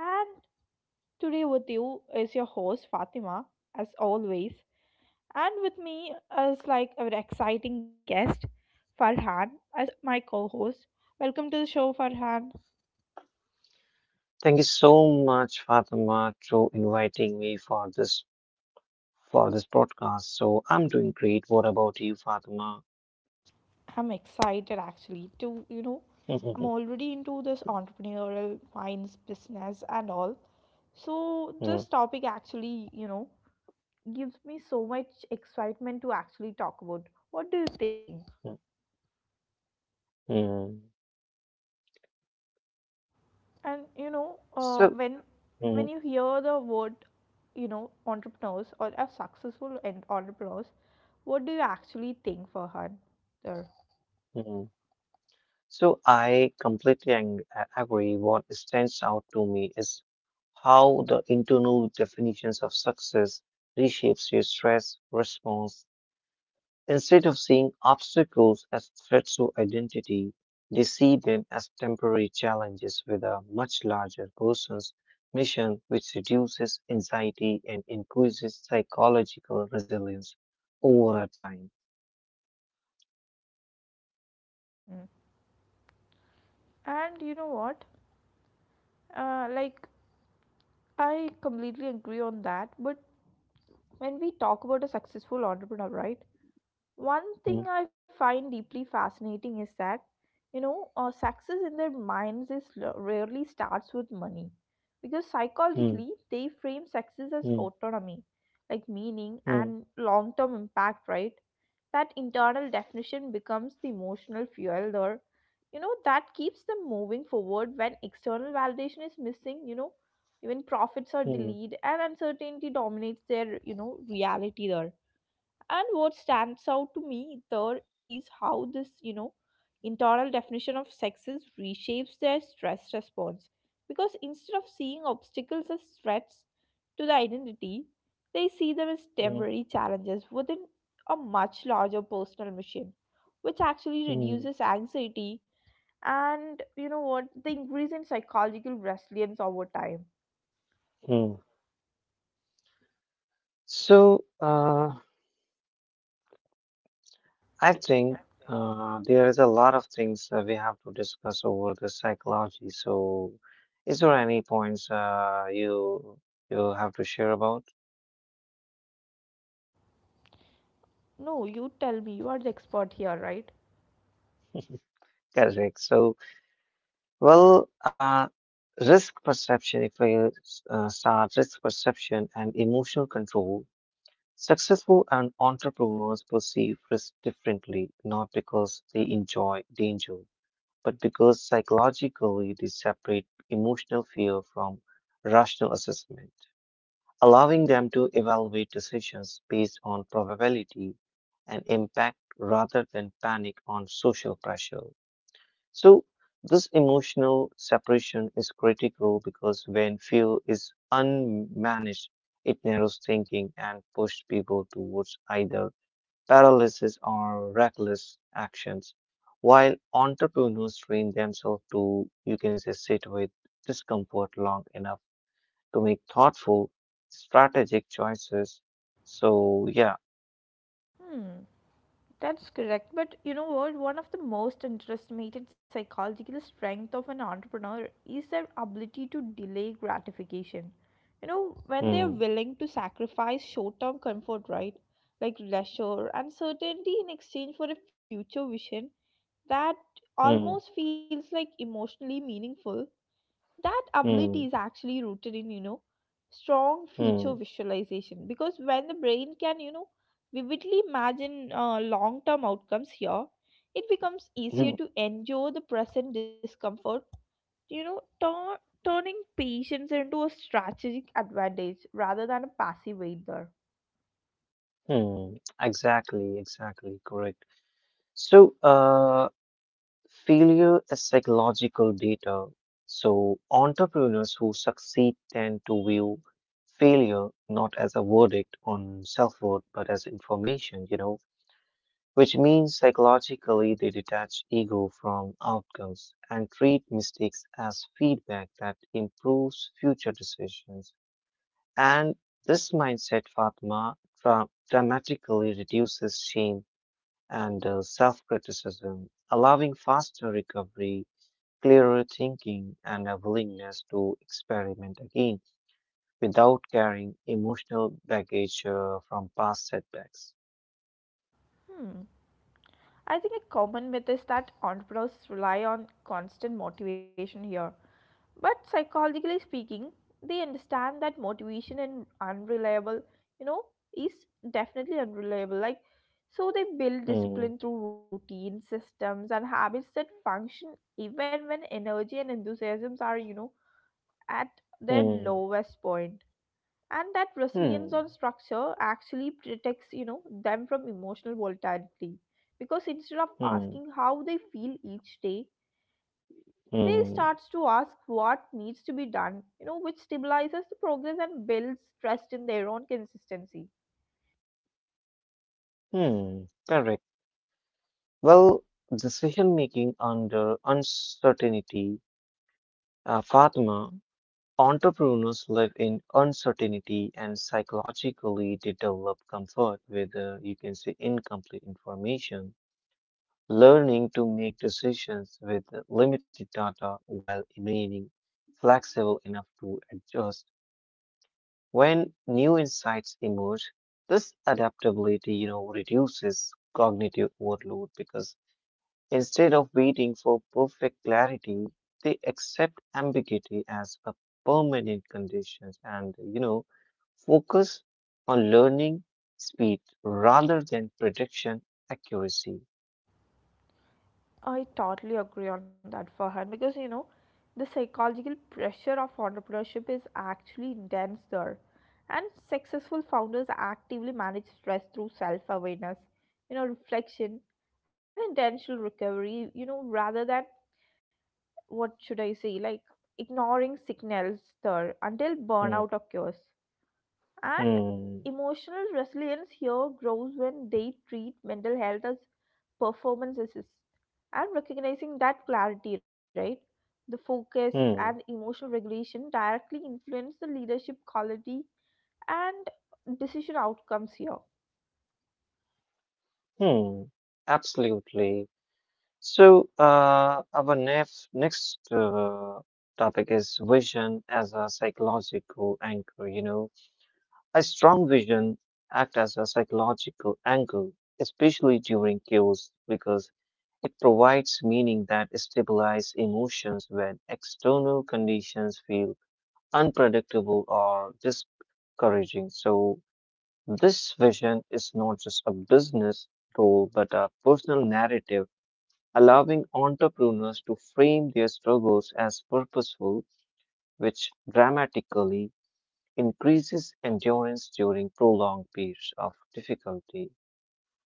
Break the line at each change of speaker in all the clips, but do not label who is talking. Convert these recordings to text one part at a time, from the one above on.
And today, with you is your host Fatima, as always. And with me is our exciting guest, Farhan, as my co host. Welcome to the show, Farhan.
Thank you so much, Fatima, to inviting me for this podcast. So I'm doing great. What about you, Fatima?
I'm excited actually to, I'm already into this entrepreneurial minds business and all. So, this
Mm.
topic actually, gives me so much excitement to actually talk about. What do you think?
Mm, mm.
And
So,
when
mm,
you hear the word, entrepreneurs or a successful entrepreneurs, what do you actually think, Farhan? There.
mm. So I completely agree. What stands out to me is how the internal definitions of success reshapes your stress response. Instead of seeing obstacles as threats to identity, they see them as temporary challenges with a much larger person's mission, which reduces anxiety and increases psychological resilience over a time.
And you know what? Uh, like I completely agree on that. But when we talk about a successful entrepreneur, right? One thing
Mm,
I find deeply fascinating is that, success in their minds is rarely starts with money, because
mm,
psychologically they frame success as
mm,
autonomy, like meaning
mm,
and long term impact, right? That internal definition becomes the emotional fuel, or that keeps them moving forward when external validation is missing, even profits are
mm,
delayed and uncertainty dominates their reality there. And what stands out to me there is how this, internal definition of success reshapes their stress response. Because instead of seeing obstacles as threats to the identity, they see them as
mm,
temporary challenges within a much larger personal mission, which actually
mm,
reduces anxiety and, the increase in psychological resilience over time.
mm. So, I
Yeah.
think there is a lot of things we have to discuss over the psychology. So, is there any points you have to share about?
No, you tell me, you are the expert here, right?
Correct. So, well, risk perception. If we start risk perception and emotional control, successful and entrepreneurs perceive risk differently, not because they enjoy danger, but because psychologically they separate emotional fear from rational assessment, allowing them to evaluate decisions based on probability and impact rather than panic on social pressure. So, this emotional separation is critical because when fear is unmanaged, it narrows thinking and pushes people towards either paralysis or reckless actions. While entrepreneurs train themselves to, you can say, sit with discomfort long enough to make thoughtful, strategic choices. So, yeah.
Hmm. That's correct. But you know what? One of the most underestimated psychological strength of an entrepreneur is their ability to delay gratification. You know, when they're
Hmm,
willing to sacrifice short term comfort, right? Like leisure and certainty in exchange for a future vision that
hmm,
almost feels like emotionally meaningful. That ability
hmm,
is actually rooted in strong future
hmm,
visualization, because when the brain can vividly imagine long term outcomes here, it becomes
hmm,
easier to endure the present discomfort, you know tur- turning patience into a strategic advantage rather than a passive wait there.
hmm. Exactly, exactly, correct. So, failure is psychological data. So, entrepreneurs who succeed tend to view failure not as a verdict on self worth, but as information, you know, which means psychologically they detach ego from outcomes and treat mistakes as feedback that improves future decisions. And this mindset, Fatma, dramatically reduces shame and self criticism, allowing faster recovery, clearer thinking, and a willingness to experiment again without carrying emotional baggage from past setbacks.
Hmm. I think a common myth is that entrepreneurs rely on constant motivation here. But psychologically speaking, they understand that motivation and unreliable, you know, is definitely unreliable. Like, so they build
Hmm,
discipline through routine systems and habits that function even when energy and enthusiasms are, at their
hmm,
lowest point. And that resilience
hmm,
on structure actually protects, them from emotional volatility. Because instead of
hmm.
asking how they feel each day, they
Mm,
starts to ask what needs to be done, which stabilizes the progress and builds trust in their own consistency.
hmm, correct. Well, decision making under uncertainty, Fatima, entrepreneurs live in uncertainty and psychologically they develop comfort with, you can say, incomplete information, learning to make decisions with limited data while remaining flexible enough to adjust. When new insights emerge, this adaptability, you know, reduces cognitive overload because instead of waiting for perfect clarity, they accept ambiguity as a permanent condition and, you know, focus on learning speed rather than prediction accuracy.
I totally agree on that, Farhan, because the psychological pressure of entrepreneurship is actually intense there, and successful founders actively manage stress through self-awareness, reflection and intentional recovery, rather than, what should I say, like ignoring signals there until
Hmm,
burnout occurs. And
hmm,
emotional resilience here grows when they treat mental health as performances and recognizing that clarity, right? The focus and
hmm,
emotional regulation directly influence the leadership quality and decision outcomes here.
hmm. Absolutely. So, our next topic is vision as a psychological anchor. A strong vision acts as a psychological anchor, especially during chaos, because it provides meaning that stabilizes emotions when external conditions feel unpredictable or discouraging. So, this vision is not just a business goal but a personal narrative, allowing entrepreneurs to frame their struggles as purposeful, which dramatically increases endurance during prolonged periods of difficulty.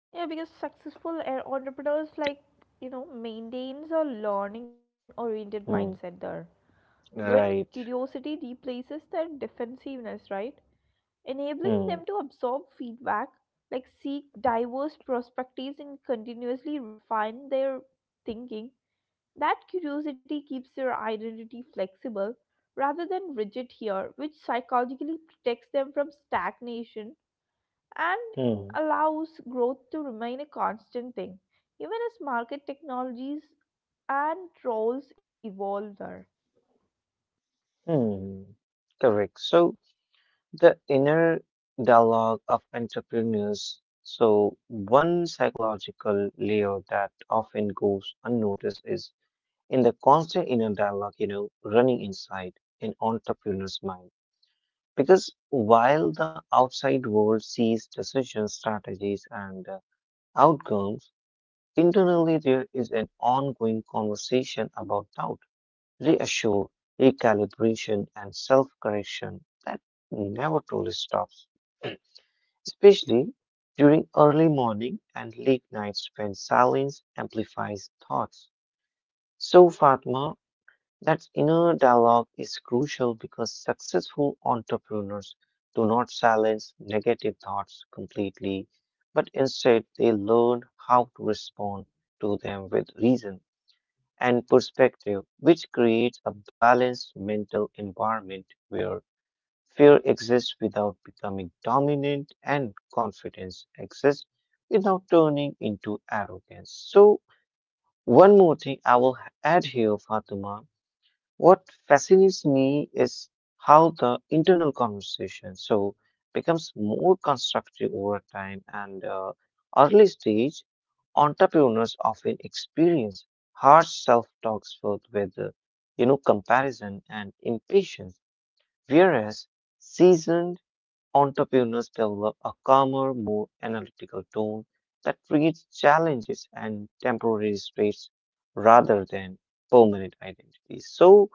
Yeah, because successful entrepreneurs, maintains a learning oriented mindset
Hmm,
there. When
right.
curiosity replaces their defensiveness, right? Enabling them
Hmm,
to absorb feedback, like seek diverse perspectives and continuously refine their thinking. That curiosity keeps their identity flexible rather than rigid here, which psychologically protects them from stagnation and
hmm,
allows growth to remain a constant thing, even as market technologies and roles evolve there.
hmm. Correct. So the inner dialogue of entrepreneurs. So one psychological layer that often goes unnoticed is in the constant inner dialogue, you know, running inside an entrepreneur's mind. Because while the outside world sees decisions, strategies, and outcomes, internally, there is an ongoing conversation about doubt, reassure, recalibration, and self correction that never truly stops, especially during early morning and late nights when silence amplifies thoughts. So, Fatma, that inner dialogue is crucial because successful entrepreneurs do not silence negative thoughts completely, but instead they learn how to respond to them with reason and perspective, which creates a balanced mental environment where fear exists without becoming dominant and confidence exists without turning into arrogance. So, one more thing I will add here, Fatima. What fascinates me is how the internal conversation so becomes more constructive over time and early stage entrepreneurs often experience harsh self-talks filled with comparison and impatience, whereas seasoned entrepreneurs develop a calmer more analytical tone that treats challenges and temporary states rather than permanent identities, so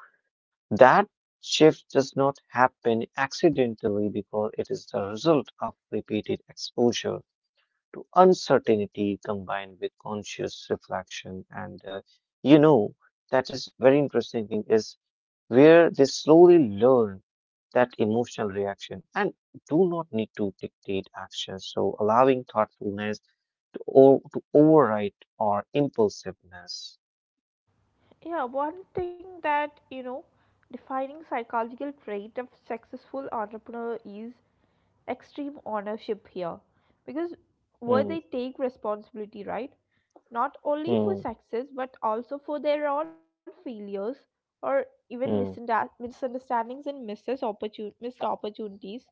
that shift does not happen accidentally because it is the result of repeated exposure to uncertainty combined with conscious reflection. And you know, that is very interesting thing is where they slowly learn that emotional reaction and do not need to dictate action, so allowing thoughtfulness to to override our impulsiveness.
Yeah, one thing that, defining psychological trait of successful entrepreneur is extreme ownership here. Because where
Hmm.
they take responsibility, right? Not only
Hmm.
for success, but also for their own failures or even
Hmm.
misunderstandings and misses missed opportunities,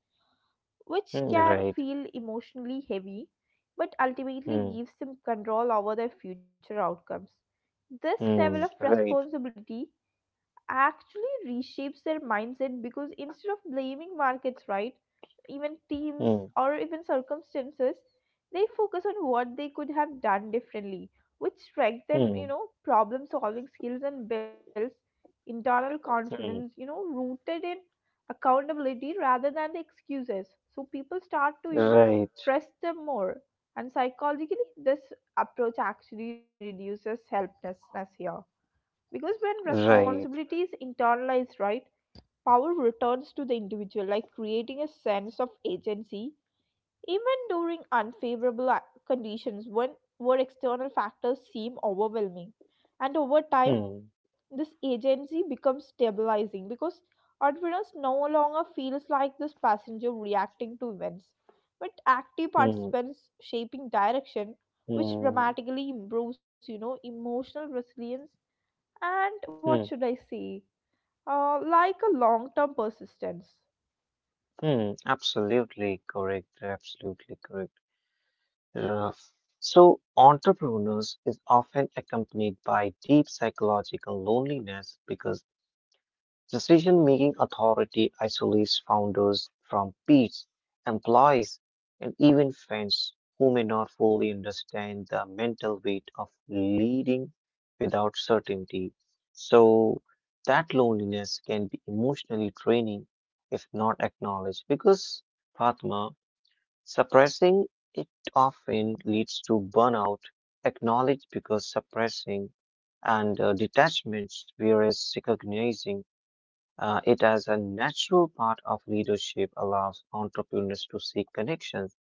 Hmm.
which can
Right.
feel emotionally heavy, but
Hmm.
ultimately gives them control over their future outcomes. This
Hmm.
level of
Right.
responsibility actually reshapes their mindset, because instead of blaming markets, right, even teams
Hmm.
or even circumstances, they focus on what they could have done differently, which strengthen,
Hmm.
problem solving skills and builds internal
Hmm.
confidence, rooted in accountability rather than the excuses. So people start to,
Right,
trust them more. And psychologically, this approach actually reduces helplessness here. Because when
right.
responsibility is internalized, right, power returns to the individual, like creating a sense of agency, even during unfavorable conditions when where external factors seem overwhelming. And over time,
Hmm.
this agency becomes stabilizing, because entrepreneurs no longer feels like this passenger reacting to events, but active
Hmm.
participants shaping direction, which
Hmm.
dramatically improves, emotional resilience and, what
Hmm.
should I say, like a long term persistence.
Hmm. Absolutely correct. Absolutely correct. Yeah. So, entrepreneurs is often accompanied by deep psychological loneliness because decision-making authority isolates founders from peers, employees, and even friends who may not fully understand the mental weight of leading without certainty. So that loneliness can be emotionally draining if not acknowledged because Fatma, suppressing it often leads to burnout, acknowledged because suppressing and detachments, whereas recognizing it as a natural part of leadership allows entrepreneurs to seek connections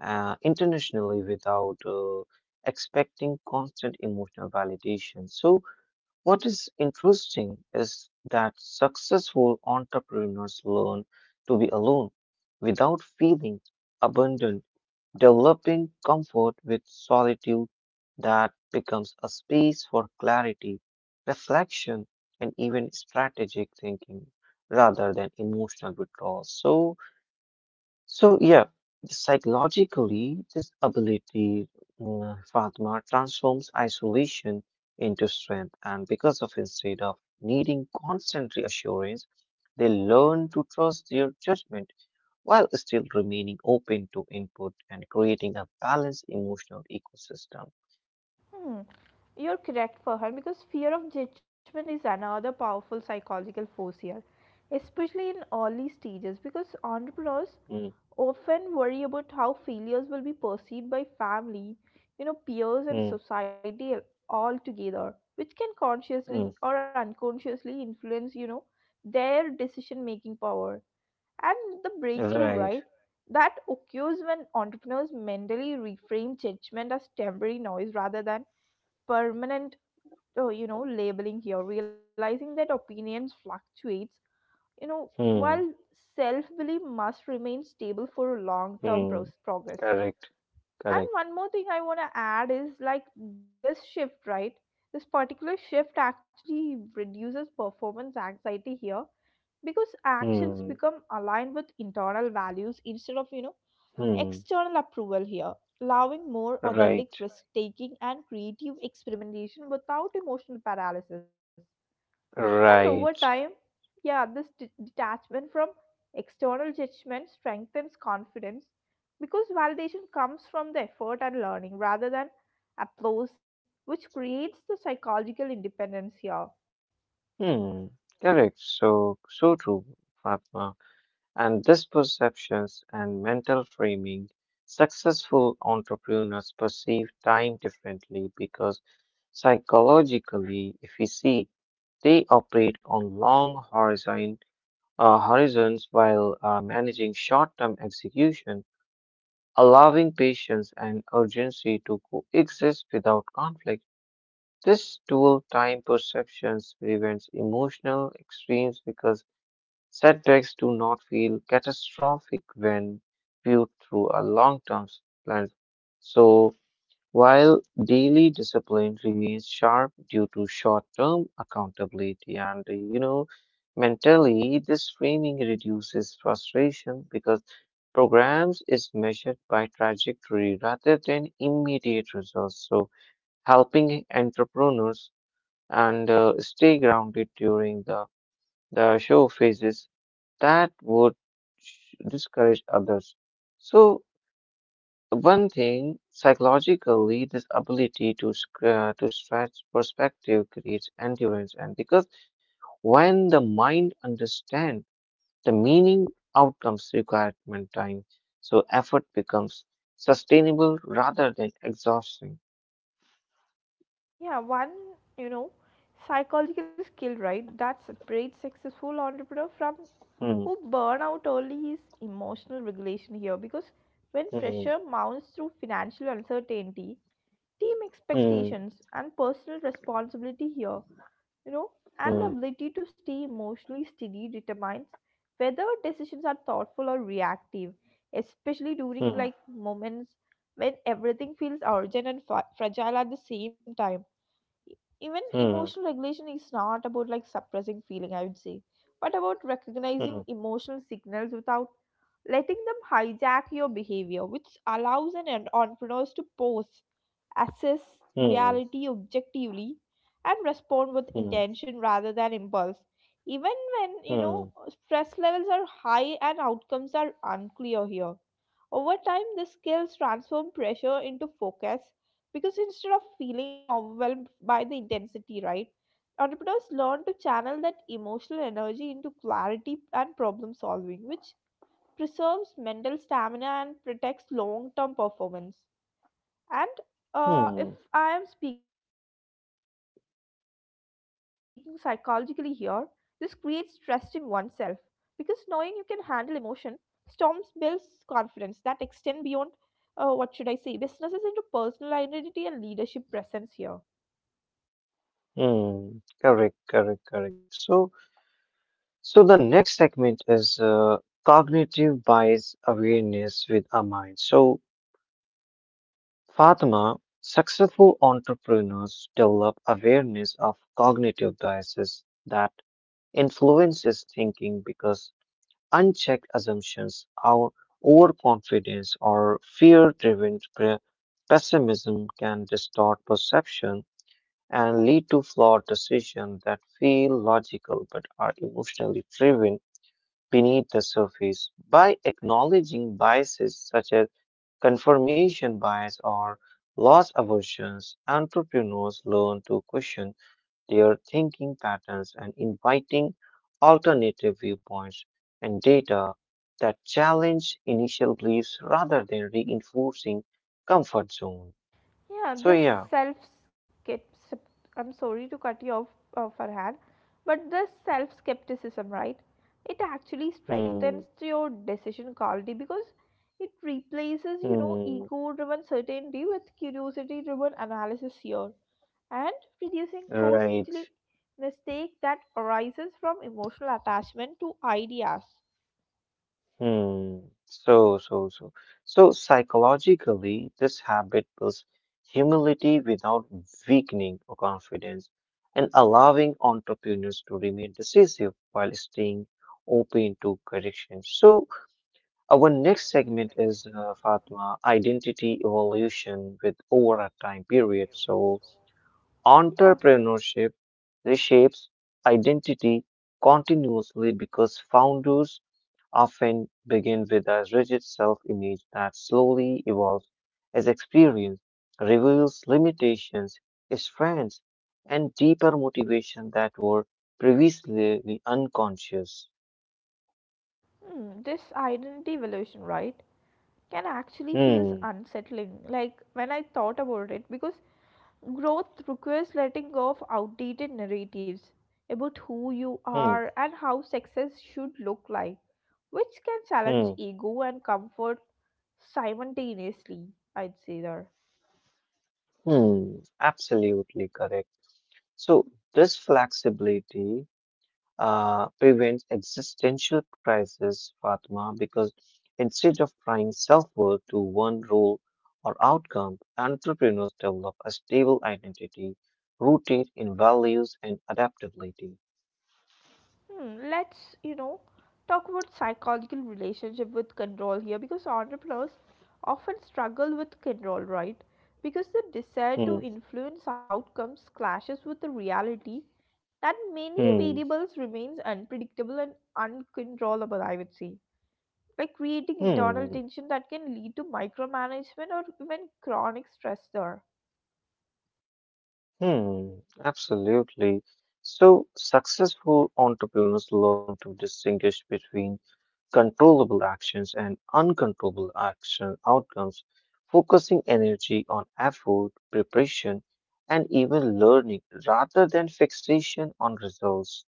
internationally without expecting constant emotional validation. So, what is interesting is that successful entrepreneurs learn to be alone without feeling abandoned, developing comfort with solitude that becomes a space for clarity, reflection, and even strategic thinking rather than emotional withdrawal. So, yeah, psychologically, this ability, Fatma, transforms isolation into strength, and because of instead of needing constant reassurance, they learn to trust their judgment while still remaining open to input and creating a balanced emotional ecosystem.
Hmm. You're correct, Farhan, because fear of judgment is another powerful psychological force here, especially in early stages, because entrepreneurs
Mm,
often worry about how failures will be perceived by family, peers,
mm,
and society altogether, which can consciously
mm.
or unconsciously influence, their decision making power. And the breakthrough,
Right.
right? That occurs when entrepreneurs mentally reframe judgment as temporary noise rather than permanent, labeling here, realizing that opinions fluctuates,
Mm,
while self-belief must remain stable for
mm.
progress.
Correct.
And
Correct.
one more thing I want to add is like this shift, right? This particular shift actually reduces performance anxiety here, because actions
Mm,
become aligned with internal values instead of
mm.
external approval here, allowing more authentic
Right.
risk taking and creative experimentation without emotional paralysis. And over
Right.
time, yeah, this detachment from external judgment strengthens confidence, because validation comes from the effort and learning rather than applause, which creates the psychological independence here.
Mm. Correct. So true, Fatma. And this perceptions and mental framing, successful entrepreneurs perceive time differently because psychologically, if we see they operate on long horizons while managing short-term execution, allowing patience and urgency to coexist without conflict. This dual time perception prevents emotional extremes because setbacks do not feel catastrophic when viewed through a long-term lens. So while daily discipline remains sharp due to short-term accountability and, you know, mentally, this framing reduces frustration because programs is measured by trajectory rather than immediate results. So helping entrepreneurs and stay grounded during the show phases that would discourage others. So one thing, psychologically, this ability to stretch perspective creates endurance, and because when the mind understands the meaning, outcomes, requirement, time, so effort becomes sustainable rather than exhausting.
Yeah, one, you know, psychological skill, right, that separates successful entrepreneur from
Hmm,
who burn out early is emotional regulation here, because when
hmm,
pressure mounts through financial uncertainty, team
hmm,
expectations and personal responsibility here, you know, and the
hmm,
ability to stay emotionally steady determines whether decisions are thoughtful or reactive, especially during
hmm,
like moments when everything feels urgent and fragile at the same time. E- Even emotional
hmm,
regulation is not about like suppressing feeling, I would say, but about
hmm,
recognizing emotional signals without letting them hijack your behavior, which allows an entrepreneur to pause, assess
hmm,
reality objectively and respond with
hmm,
intention rather than impulse, even when
hmm,
stress levels are high and outcomes are unclear here. Over time, the skills transform pressure into focus, because instead of feeling overwhelmed by the intensity, right, entrepreneurs learn to channel that emotional energy into clarity and problem solving, which preserves mental stamina and protects long term performance. And if
hmm,
I am speaking psychologically here, this creates trust in oneself, because knowing you can handle emotion storms builds confidence that extend beyond, what should I say, businesses into personal identity and leadership presence here.
hmm. Correct, correct, correct. So. So the next segment is cognitive bias awareness with a mind. So Fatima, successful entrepreneurs develop awareness of cognitive biases that influences thinking because unchecked assumptions, our overconfidence or fear-driven pessimism can distort perception and lead to flawed decisions that feel logical but are emotionally driven beneath the surface. By acknowledging biases such as confirmation bias or loss aversions, entrepreneurs learn to question their thinking patterns and inviting alternative viewpoints and data that challenge initial beliefs rather than reinforcing comfort zone.
Yeah,
So
this
yeah,
self skepticism. I'm sorry to cut you off, Farhan, but this self skepticism, right? It actually
hmm,
strengthens your decision quality because it replaces,
hmm,
ego driven certainty with curiosity driven analysis here, and reducing
right.
costly mistake that arises from emotional attachment to ideas.
Hmm. So. So psychologically, this habit builds humility without weakening or confidence and allowing entrepreneurs to remain decisive while staying open to correction. So, our next segment is Fatma, identity evolution with over a time period. So,
Yeah,
entrepreneurship reshapes identity continuously because founders often begin with a rigid self image that slowly evolves as experience reveals limitations, strengths, and deeper motivation that were previously unconscious.
hmm, this identity evolution, right? Can actually feels
Hmm,
unsettling, like when I thought about it, because growth requires letting go of outdated narratives about who you
hmm,
are and how success should look like, which can
hmm,
challenge ego and comfort simultaneously, I'd say there.
hmm, absolutely correct. So, this flexibility prevents existential crisis, Fatma, because instead of trying self worth to one role or outcome, entrepreneurs develop a stable identity rooted in values and adaptability.
Hmm, let's talk about psychological relationship with control here, because entrepreneurs often struggle with control, right, because the desire
Hmm,
to influence outcomes clashes with the reality that many
hmm,
variables remains unpredictable and uncontrollable, I would say, like creating internal
hmm.
tension that can lead to micromanagement or even chronic stress there.
Hmm, absolutely. So, successful entrepreneurs learn to distinguish between controllable actions and uncontrollable action outcomes, focusing energy on effort, preparation, and even learning rather than fixation on results.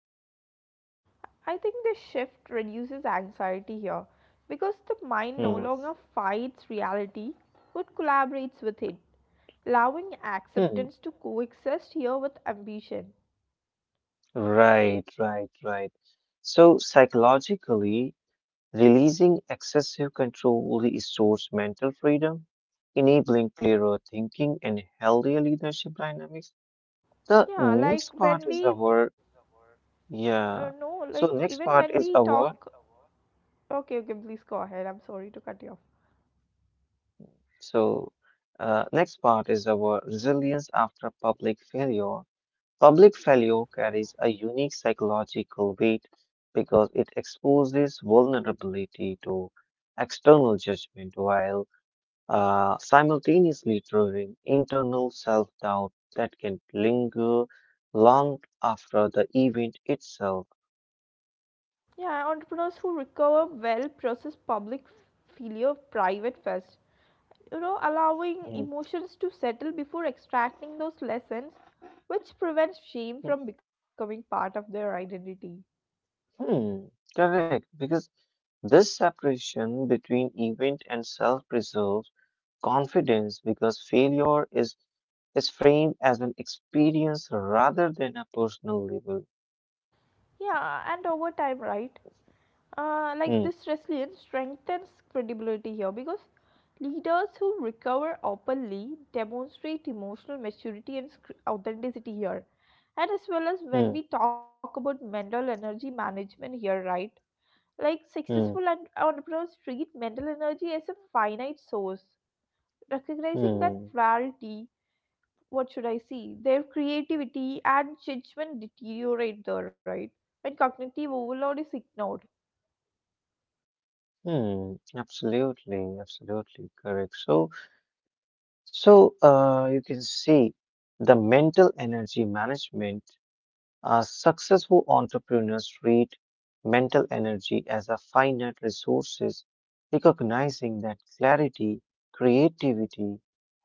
I think this shift reduces anxiety here, because the mind no
Hmm.
longer fights reality but collaborates with it, allowing
Hmm.
acceptance to coexist here with ambition.
Right, right, right. So, psychologically, releasing excessive control restores mental freedom, enabling clearer thinking and healthier leadership dynamics. The
Yeah, like
next part
when
is
we
our, Yeah.
no, like
so
even
next
when
part is
we
our,
talk. Okay, okay, please go ahead. I'm sorry to cut you off.
so Next part is our resilience after public failure. Public failure carries a unique psychological weight because it exposes vulnerability to external judgment while simultaneously triggering internal self doubt that can linger long after the event itself.
Yeah, entrepreneurs who recover well process public failure private first. You know, allowing
Mhm.
emotions to settle before extracting those lessons, which prevents
Hmm,
shame from becoming part of their identity.
hmm, correct, because this separation between event and self preserves confidence because failure is framed as an experience rather than a personal label.
Yeah, and over time, right?
Hmm,
This resilience strengthens credibility here, because leaders who recover openly demonstrate emotional maturity and authenticity here. And as well as
hmm,
when we talk about mental energy management here, right? Like successful
hmm,
entrepreneurs treat mental energy as a finite source, recognizing that
hmm,
rarity, what should I see? Their creativity and judgment deteriorate there, right? When cognitive overload is ignored.
hmm. Absolutely, absolutely correct. So, you can see the mental energy management. Successful entrepreneurs treat mental energy as a finite resources, recognizing that clarity, creativity,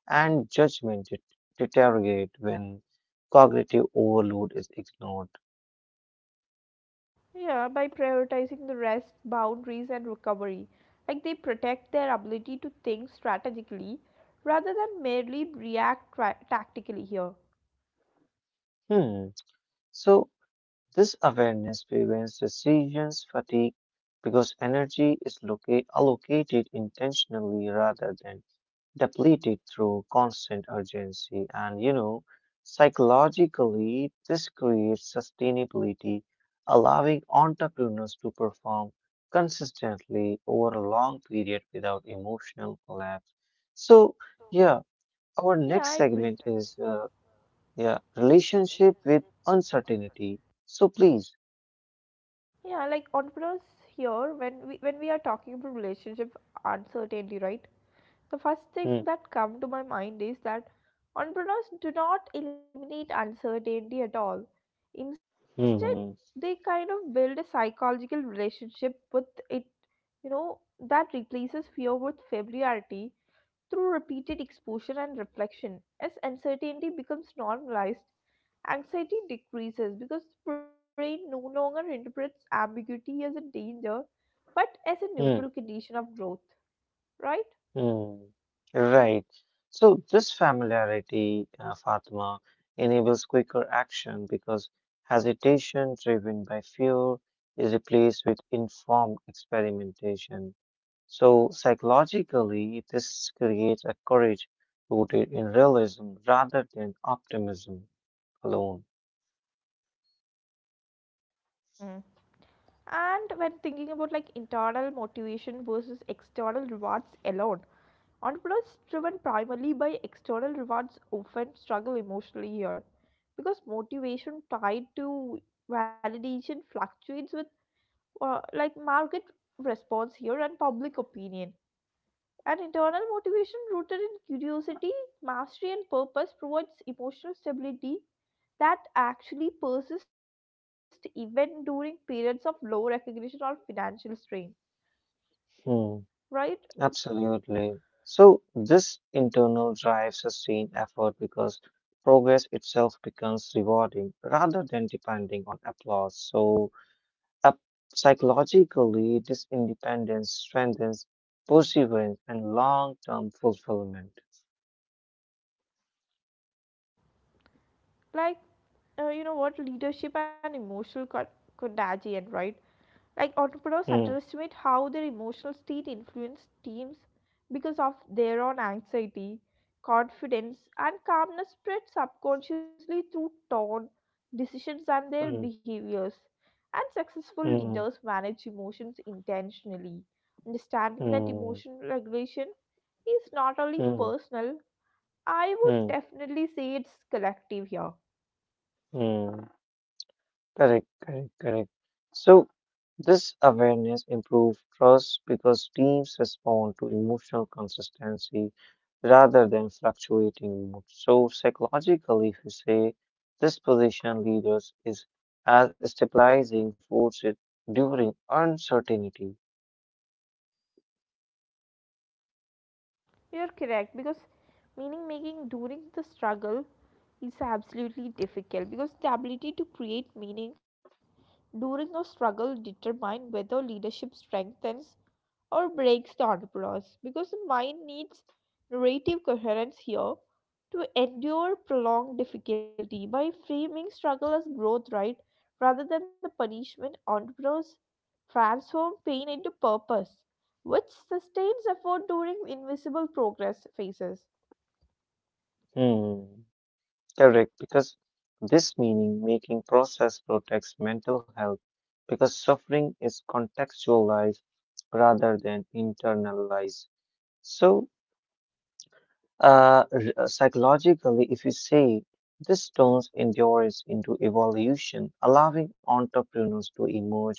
and judgment deteriorate when cognitive overload is ignored.
Yeah, by prioritizing the rest, boundaries, and recovery. Like they protect their ability to think strategically rather than merely react tactically here.
Hmm. So this awareness prevents decisions fatigue because energy is allocated intentionally rather than depleted through constant urgency. And you know, psychologically, this creates sustainability, allowing entrepreneurs to perform consistently over a long period without emotional collapse. So, yeah, our
Yeah,
next
I
segment
agree.
is yeah, relationship with uncertainty. So, please.
Yeah, like entrepreneurs here, when we are talking about relationship uncertainty, right? The first
Hmm,
thing that come to my mind is that entrepreneurs do not eliminate uncertainty at all. Instead,
hmm, hmm,
they kind of build a psychological relationship with it, that replaces fear with familiarity through repeated exposure and reflection. As uncertainty becomes normalized, anxiety decreases because the brain no longer interprets ambiguity as a danger but as a neutral
hmm.
condition of growth, right?
Hmm. Right. So this familiarity, Fatima, enables quicker action because hesitation driven by fear is replaced with informed experimentation. So psychologically, this creates a courage rooted in realism rather than optimism alone.
And when thinking about like internal motivation versus external rewards alone, entrepreneurs driven primarily by external rewards often struggle emotionally here because motivation tied to validation fluctuates with like market response here and public opinion. And internal motivation rooted in curiosity, mastery, and purpose provides emotional stability that actually persist even during periods of low recognition or financial strain,
Hmm.
right?
Absolutely. So this internal drive sustains effort because progress itself becomes rewarding rather than depending on applause. So up- psychologically, this independence strengthens perseverance and long-term fulfillment.
Like what, leadership and emotional contagion, right? Like entrepreneurs
Mm,
underestimate how their emotional state influences teams because of their own anxiety, confidence, and calmness spread subconsciously through tone, decisions, and their
mm,
behaviors. And successful
mm,
leaders manage emotions intentionally, understanding that
mm,
emotional regulation is not only
mm,
personal, I
mm,
would
mm.
definitely say it's collective here.
Mm. Correct, correct, correct. So, this awareness improves trust because teams respond to emotional consistency rather than fluctuating mood. So, psychologically, if you say this position leaders is as stabilizing force it during uncertainty.
You're correct, because meaning making during the struggle is absolutely difficult because the ability to create meaning during a struggle determine whether leadership strengthens or breaks the entourage, because the mind needs narrative coherence here to endure prolonged difficulty. By framing struggle as growth, right, rather than the punishment, entrepreneurs transform pain into purpose, which sustains effort during invisible progress phases.
Hmm, correct, because this meaning making process protects mental health because suffering is contextualized rather than internalized. So, psychologically, if you say this turns endurance into evolution, allowing entrepreneurs to emerge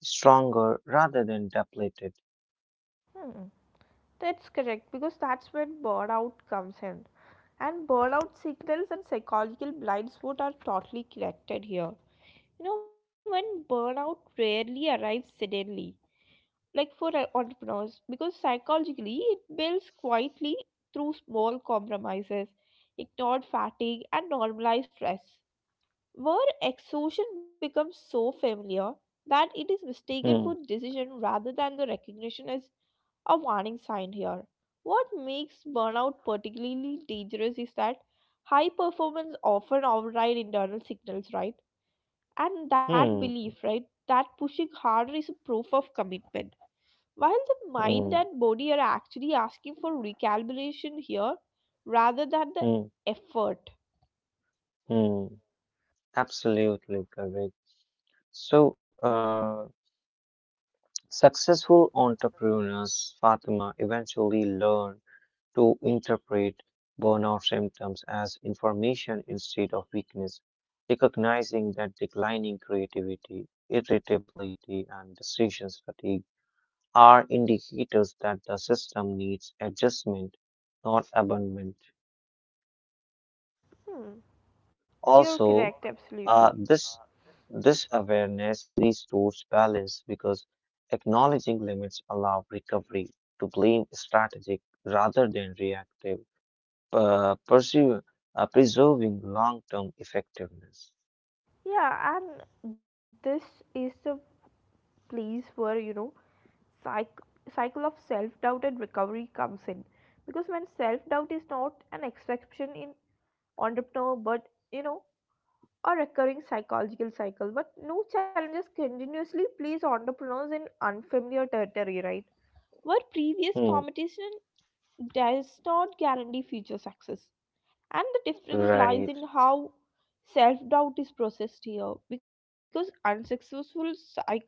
stronger rather than depleted.
Hmm. That's correct, because that's when burnout comes in, and burnout signals and psychological blind spot are totally connected here. When burnout rarely arrives suddenly, like for our entrepreneurs, because psychologically it builds quietly through small compromises, ignored fatigue, and normalized stress. Where exhaustion becomes so familiar that it is mistaken for
Hmm,
decision rather than the recognition as a warning sign here. What makes burnout particularly dangerous is that high performance often override internal signals, right? And that
hmm,
belief, right, that pushing harder is a proof of commitment, while the mind
hmm,
and body are actually asking for recalibration here rather than the
hmm,
effort.
hmm. Absolutely correct. So, successful entrepreneurs, Fatima, eventually learn to interpret burnout symptoms as information instead of weakness, recognizing that declining creativity, irritability, and decisions fatigue are indicators that the system needs adjustment, not abandonment.
Hmm, you're
Also,
correct,
uh,
absolutely.
this this awareness restores balance because acknowledging limits allow recovery to blame strategic rather than reactive pursue, preserving long-term effectiveness.
Yeah, and this is the place where psych- cycle of self doubt and recovery comes in, because when self doubt is not an exception in entrepreneur, but a recurring psychological cycle. But no challenges continuously place entrepreneurs in unfamiliar territory, right? Where previous
Hmm,
competition does not guarantee future success. And the difference
right,
lies in how self doubt is processed here. Because unsuccessful cycles, right,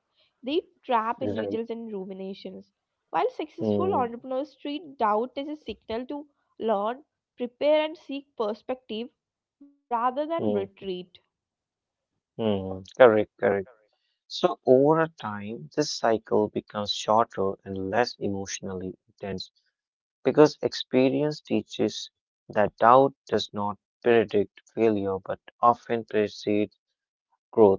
they trap individuals
right.
in ruminations, while successful
Hmm,
entrepreneurs treat doubt as a signal to learn, prepare, and seek perspective rather than
hmm,
retreat.
hmm. Correct, correct. So over time, this cycle becomes shorter and less emotionally intense because experience teaches that doubt does not predict failure but often precedes growth.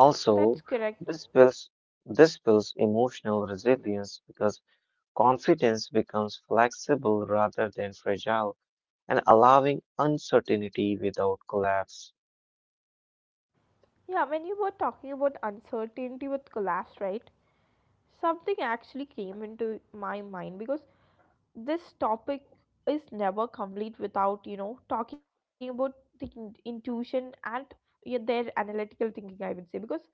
That's correct.
this builds this builds emotional resilience because confidence becomes flexible rather than fragile and allowing uncertainty without collapse.
Yeah, when you were talking about uncertainty with collapse, right? Something actually came into my mind because this topic is never complete without talking about the intuition and, yeah, their analytical thinking, I would say. Because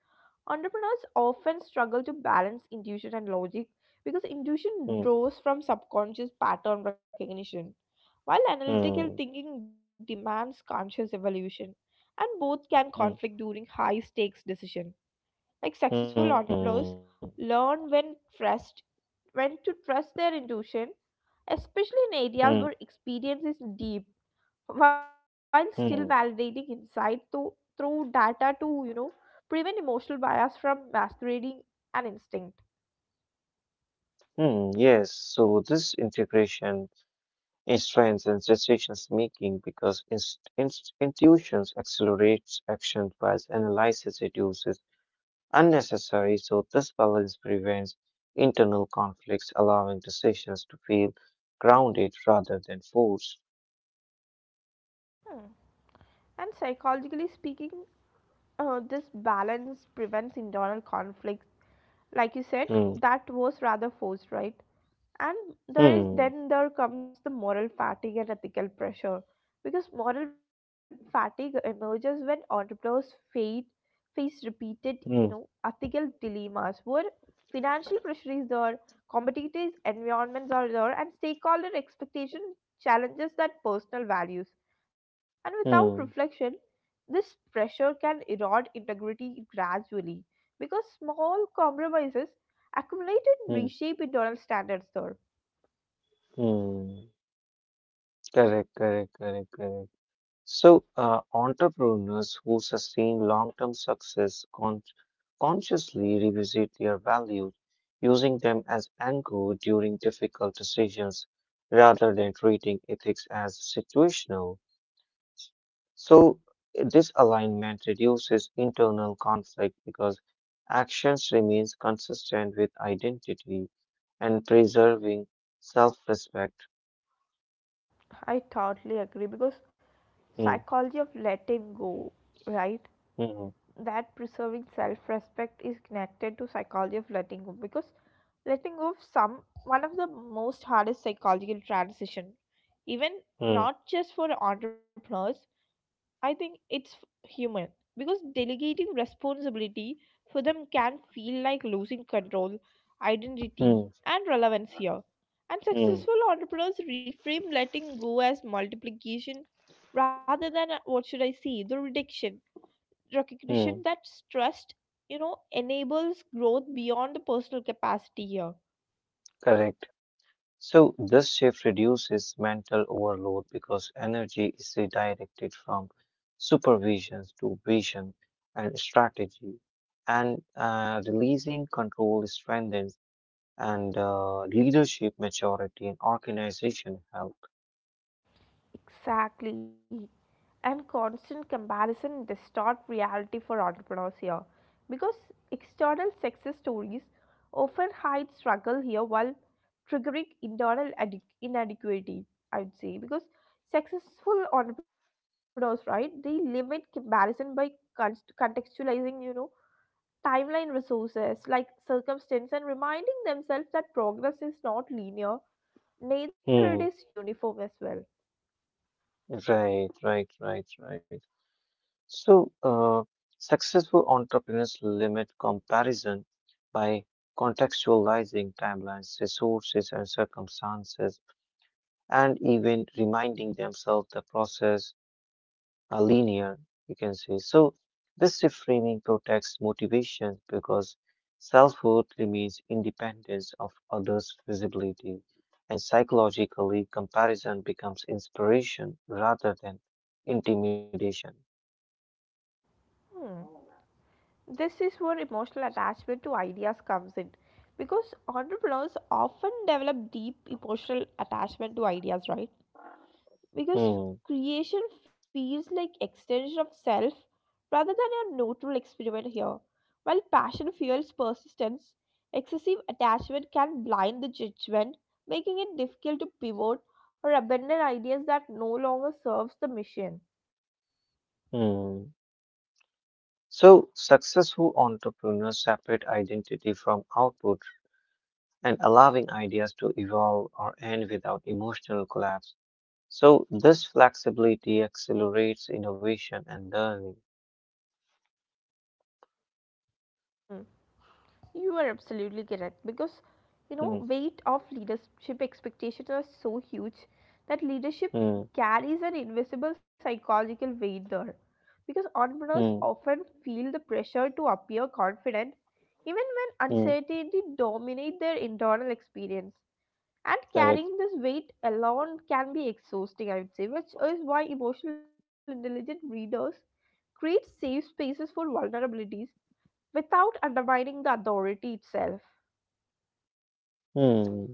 entrepreneurs often struggle to balance intuition and logic, because intuition
Hmm,
draws from subconscious pattern recognition while analytical
hmm,
thinking demands conscious evolution, and both can conflict
hmm,
during high stakes decision. Like, successful
hmm,
entrepreneurs learn when to trust their intuition, especially in
hmm,
areas where experience is deep, while still
hmm,
validating insight to, through data, to prevent emotional bias from masquerading an instinct.
hmm. Yes, so this integration in strengths and decisions making because intuitions accelerates action whilst analysis reduces unnecessary. So this balance prevents internal conflicts, allowing decisions to feel grounded rather than forced.
Hmm. And psychologically speaking, this balance prevents internal conflicts, like you
Hmm.
said, that was rather forced, right? And there
Hmm.
is, then there comes the moral fatigue and ethical pressure, because moral fatigue emerges when face repeated
Hmm.
ethical dilemmas where financial pressure is there, competitive environments are there, and stakeholder expectation challenges that personal values. And without
Hmm.
reflection, this pressure can erode integrity gradually, because small compromises accumulated
Hmm.
reshape internal standards there.
Hmm. Correct, correct, correct, correct. So, entrepreneurs who sustain long-term success consciously revisit their values, using them as anchor during difficult decisions rather than treating ethics as situational. So, this alignment reduces internal conflict because actions remains consistent with identity and preserving self-respect.
I totally agree, because
Mm,
psychology of letting go, right?
mm,
That preserving self-respect is connected to psychology of letting go, because letting go of some one of the most hardest psychological transition, even
mm,
not just for entrepreneurs, I think it's human, because delegating responsibility for them can feel like losing control, identity,
mm,
and relevance here. And
mm,
successful entrepreneurs reframe letting go as multiplication rather than, what should I say, the reduction, recognition
mm.
that trust, enables growth beyond the personal capacity here.
Correct. So this shift reduces mental overload because energy is redirected from supervision to vision and strategy, and releasing control strengthens and leadership maturity and organization health.
Exactly. And constant comparison distort reality for entrepreneurs here, because external success stories often hide struggle here while triggering internal inadequacy, I would say. Because successful entrepreneurs, right, they limit comparison by con- contextualizing, timeline resources like circumstance and reminding themselves that progress is not linear, neither it
Hmm.
is uniform as well.
Right, right, right, right. So, successful entrepreneurs limit comparison by contextualizing timelines, resources, and circumstances, and even reminding themselves the process are linear, you can say. So, this reframing protects motivation because self worth remains independence of others' visibility, and psychologically, comparison becomes inspiration rather than intimidation.
Hmm. This is where emotional attachment to ideas comes in, because entrepreneurs often develop deep emotional attachment to ideas, right? Because
Hmm.
creation feels like extension of self rather than a neutral experiment here. While passion fuels persistence, excessive attachment can blind the judgment, making it difficult to pivot or abandon ideas that no longer serves the mission.
Hmm. So, successful entrepreneurs separate identity from output and allowing ideas to evolve or end without emotional collapse. So, this flexibility accelerates innovation and learning.
You are absolutely correct, because
Hmm,
weight of leadership expectations are so huge that leadership
hmm,
carries an invisible psychological weight there, because entrepreneurs
hmm,
often feel the pressure to appear confident even when
hmm,
uncertainty dominates their internal experience, and
correct.
carrying this weight alone can be exhausting, I would say, which is why emotional intelligent readers create safe spaces for vulnerabilities without undermining the authority itself.
Hmm,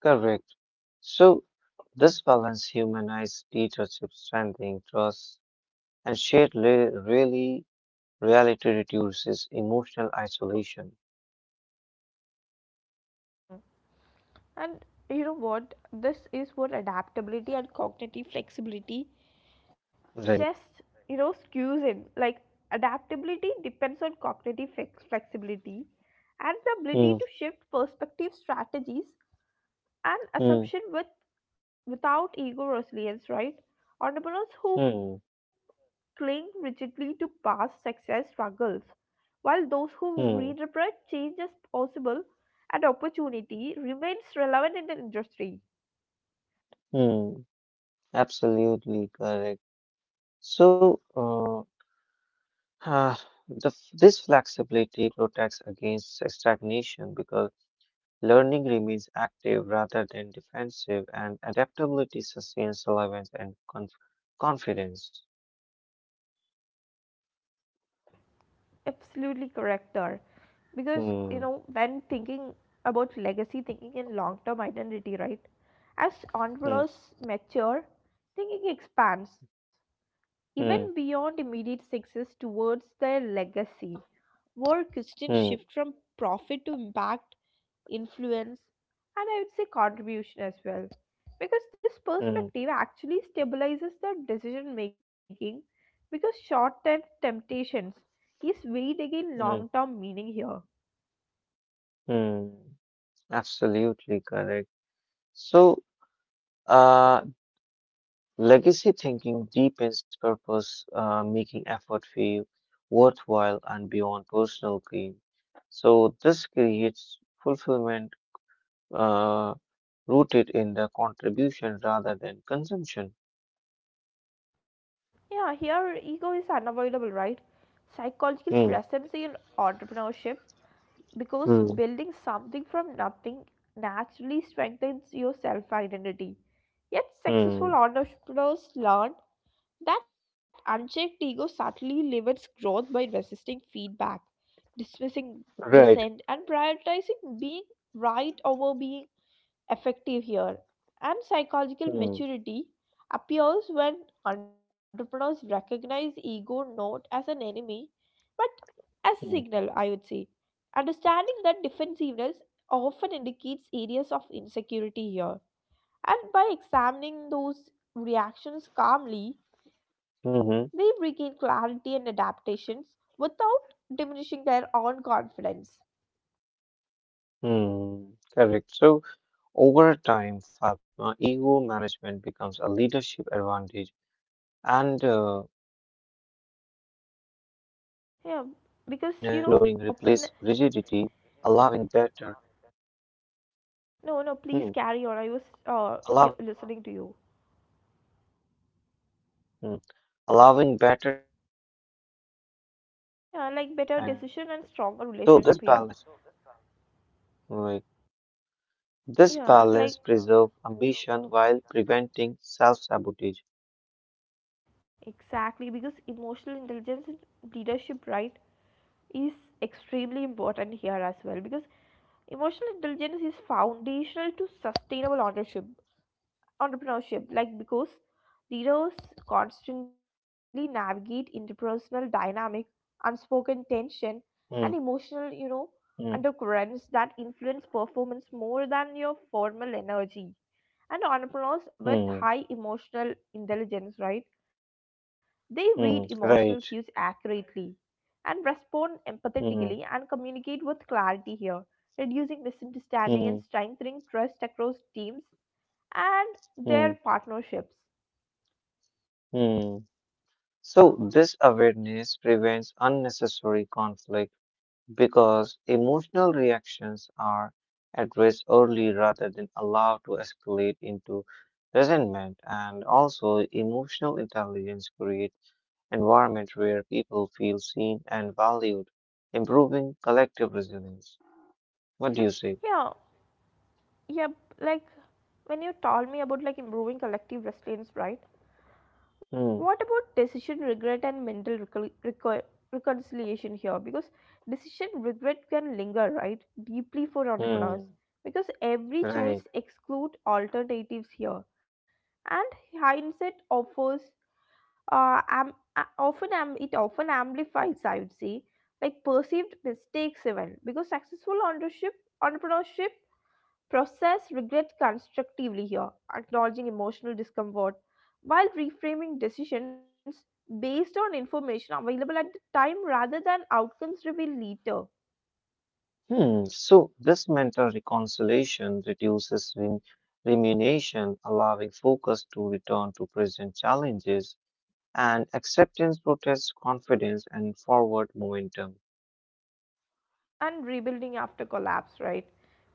correct. So, this balance humanizes leadership, strengthening trust, and shared re- really reality reduces emotional isolation.
And you know what? This is what adaptability and cognitive flexibility
Right.
just, skews in. Like, adaptability depends on cognitive flexibility, and the ability
Hmm,
to shift perspective strategies and
hmm,
assumption with without ego resilience, right? Entrepreneurs who
hmm.
cling rigidly to past success struggles, while those who
Hmm,
reinterpret change as possible and opportunity remains relevant in the industry.
hmm, absolutely correct. So, ah, this flexibility protects against stagnation because learning remains active rather than defensive, and adaptability sustains relevance and confidence.
Absolutely correct, there. Because
Hmm,
when thinking about legacy thinking and long term identity, right? As
hmm,
entrepreneurs mature, thinking expands even
hmm,
beyond immediate success towards their legacy, more Christians
hmm,
shift from profit to impact, influence, and, I would say, contribution as well. Because this
hmm,
perspective actually stabilizes the decision making, because short term temptations is weighed against
hmm,
long term meaning here.
hmm. Absolutely correct. So, uh, legacy thinking deepens purpose, making effort feel worthwhile and beyond personal gain. So, this creates fulfillment uh, rooted in the contribution rather than consumption.
Yeah, here ego is unavoidable, right? Psychological
Hmm.
presence in entrepreneurship, because
Hmm.
building something from nothing naturally strengthens your self identity. Yet, successful
Hmm.
entrepreneurs learn that unchecked ego subtly limits growth by resisting feedback, dismissing dissent,
Right.
and prioritizing being right over being effective here. And psychological
Hmm.
maturity appears when entrepreneurs recognize ego not as an enemy but as a signal,
Hmm.
I would say. Understanding that defensiveness often indicates areas of insecurity here. And by examining those reactions calmly, they regain
Hmm.
clarity and adaptations without diminishing their own confidence.
Hmm. Correct. So, over time, Fatma, ego management becomes a leadership advantage. And because openness to learning
Yeah,
replaces
because
rigidity,
open.
allowing better, hmm,
No, no, please carry on. I was
allow,
here listening to you.
hmm, allowing better decisions and a stronger
Yeah, like better
relationship.
decision and
So
stronger relationship here.
like, this
Yeah, like
balance preserve ambition while preventing self-sabotage.
exactly, because emotional intelligence and leadership, right, is extremely important here as well, because emotional intelligence is foundational to sustainable ownership entrepreneurship. Like, because leaders constantly navigate interpersonal dynamic, unspoken tension, and
Hmm,
emotional,
hmm,
undercurrents that influence performance more than your formal energy. And entrepreneurs with
hmm,
high emotional intelligence, right, they read
hmm,
emotional cues
right.
accurately and respond empathetically
Hmm,
and communicate with clarity here, reducing misunderstanding
hmm,
and strengthening trust across teams and
hmm,
their partnerships.
hmm. So this awareness prevents unnecessary conflict because emotional reactions are addressed early rather than allowed to escalate into resentment, and also emotional intelligence creates environment where people feel seen and valued, improving collective resilience. What do you say?
Yeah, yeah, like when you told me about like improving collective resilience, right?
Hmm,
What about decision regret and mental reconciliation here? Because decision regret can linger, right? Deeply for entrepreneurs,
hmm,
because every
right,
choice excludes alternatives here, and hindsight offers, it often amplifies, I would say, like perceived mistakes, even because successful entrepreneurship process regret constructively here, acknowledging emotional discomfort while reframing decisions based on information available at the time rather than outcomes revealed later.
hmm. So this mental reconciliation reduces rumination, allowing focus to return to present challenges, and acceptance protects confidence and forward momentum.
And rebuilding after collapse, right?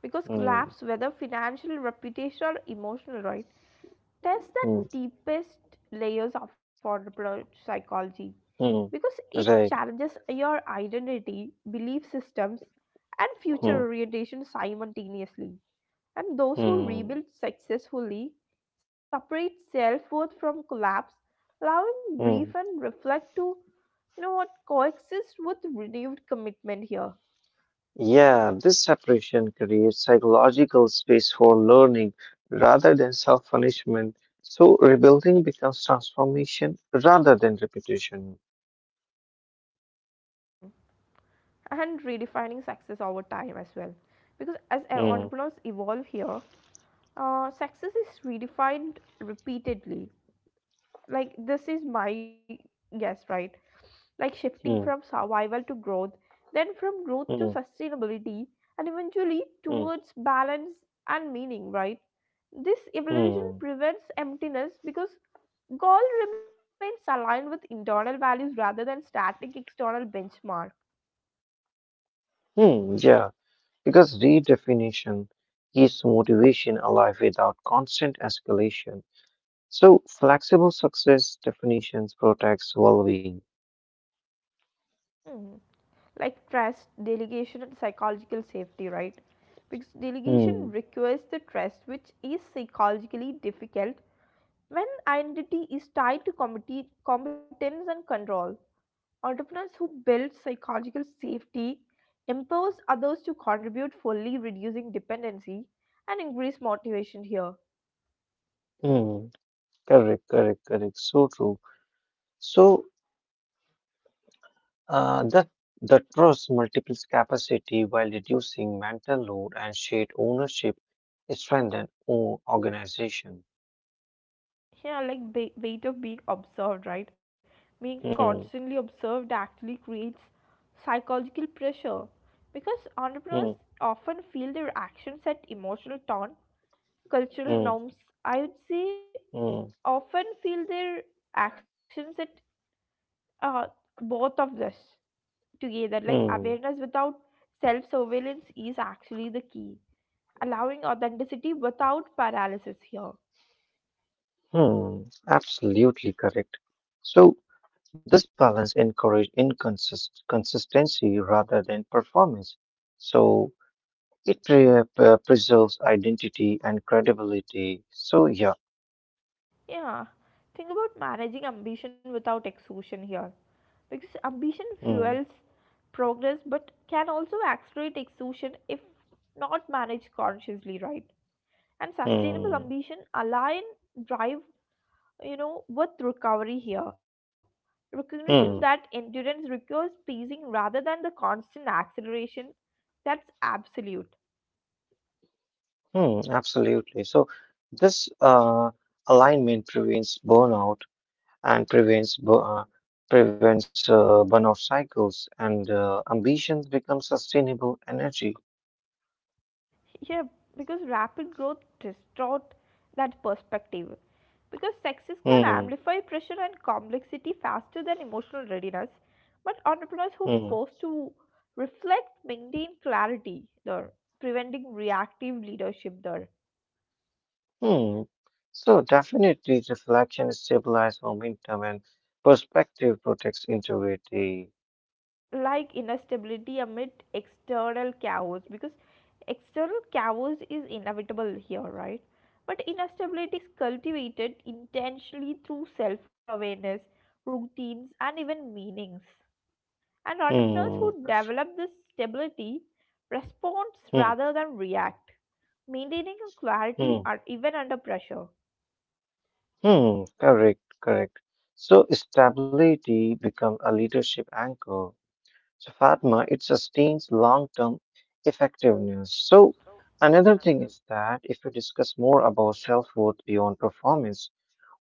Because
Hmm,
collapse, whether financial, reputational, or emotional, right, tests
hmm,
the deepest layers of our psychology,
hmm.
because it
Right.
challenges your identity, belief systems, and future
Hmm,
orientation simultaneously. And those who
hmm,
rebuild successfully separate self worth from collapse, allowing grief
hmm.
and reflect to, coexist with renewed commitment here.
Yeah, this separation creates psychological space for learning rather than self punishment. So rebuilding becomes transformation rather than repetition.
And redefining success over time as well. Because as our
Hmm,
entrepreneurs evolve here, success is redefined repeatedly. Like, this is my guess, right? Like, shifting from
hmm,
survival to growth, then from growth to
hmm,
sustainability, and eventually
hmm,
towards balance and meaning, right? This evolution
hmm,
prevents emptiness because goal remains aligned with internal values rather than static external benchmark.
hmm. Yeah, because redefinition keeps motivation alive without constant escalation. So, flexible success definitions protects well-being.
Hmm. Like trust, delegation, and psychological safety, right? Because delegation
Hmm.
requires the trust, which is psychologically difficult when identity is tied to competence and control. Entrepreneurs who build psychological safety empowers others to contribute fully, reducing dependency and increase motivation here.
Hmm. Correct. Correct. Correct. So true. So, uh, the the trust multiples capacity while reducing mental load and shared ownership strengthen organization.
Yeah, like weight of being observed, right? Being
Hmm.
constantly observed actually creates psychological pressure, because entrepreneurs
Hmm.
often feel their actions at emotional tone,
Hmm.
cultural norms. I would say
Hmm.
often feel their actions at, uh, both of this together. Like
Hmm.
awareness without self surveillance is actually the key, allowing authenticity without paralysis here.
Hmm. Absolutely correct. So, this balance encourage inconsist consistency rather than performance. So, it preserves identity and credibility. So yeah,
Yeah, think about managing ambition without exhaustion here. Because ambition
mm,
fuels progress but can also accelerate exhaustion if not managed consciously, right? And sustainable
mm,
ambition align drive, with recovery here. Recognition
mm,
that endurance requires pacing rather than the constant acceleration, that's absolute.
mm, absolutely. So this alignment prevents burnout and prevents burnout cycles, and ambitions become sustainable energy.
Yeah, because rapid growth distort that perspective. Because sexes can amplify
Mm,
pressure and complexity faster than emotional readiness, but entrepreneurs who pause
mm,
to reflect maintain clarity there, preventing reactive leadership there.
mm. So definitely, reflection stabilizes momentum and perspective protects integrity.
Like inner stability amid external chaos, because external chaos is inevitable here, right? But inner stability is cultivated intentionally through self-awareness, routines, and even meanings. And entrepreneurs
Hmm.
who develop this stability respond
Hmm.
rather than react, maintaining a clarity
Hmm.
or even under pressure.
Hmm, correct, correct. So stability becomes a leadership anchor. So Fatma, it sustains long-term effectiveness. So another thing is that if we discuss more about self-worth beyond performance,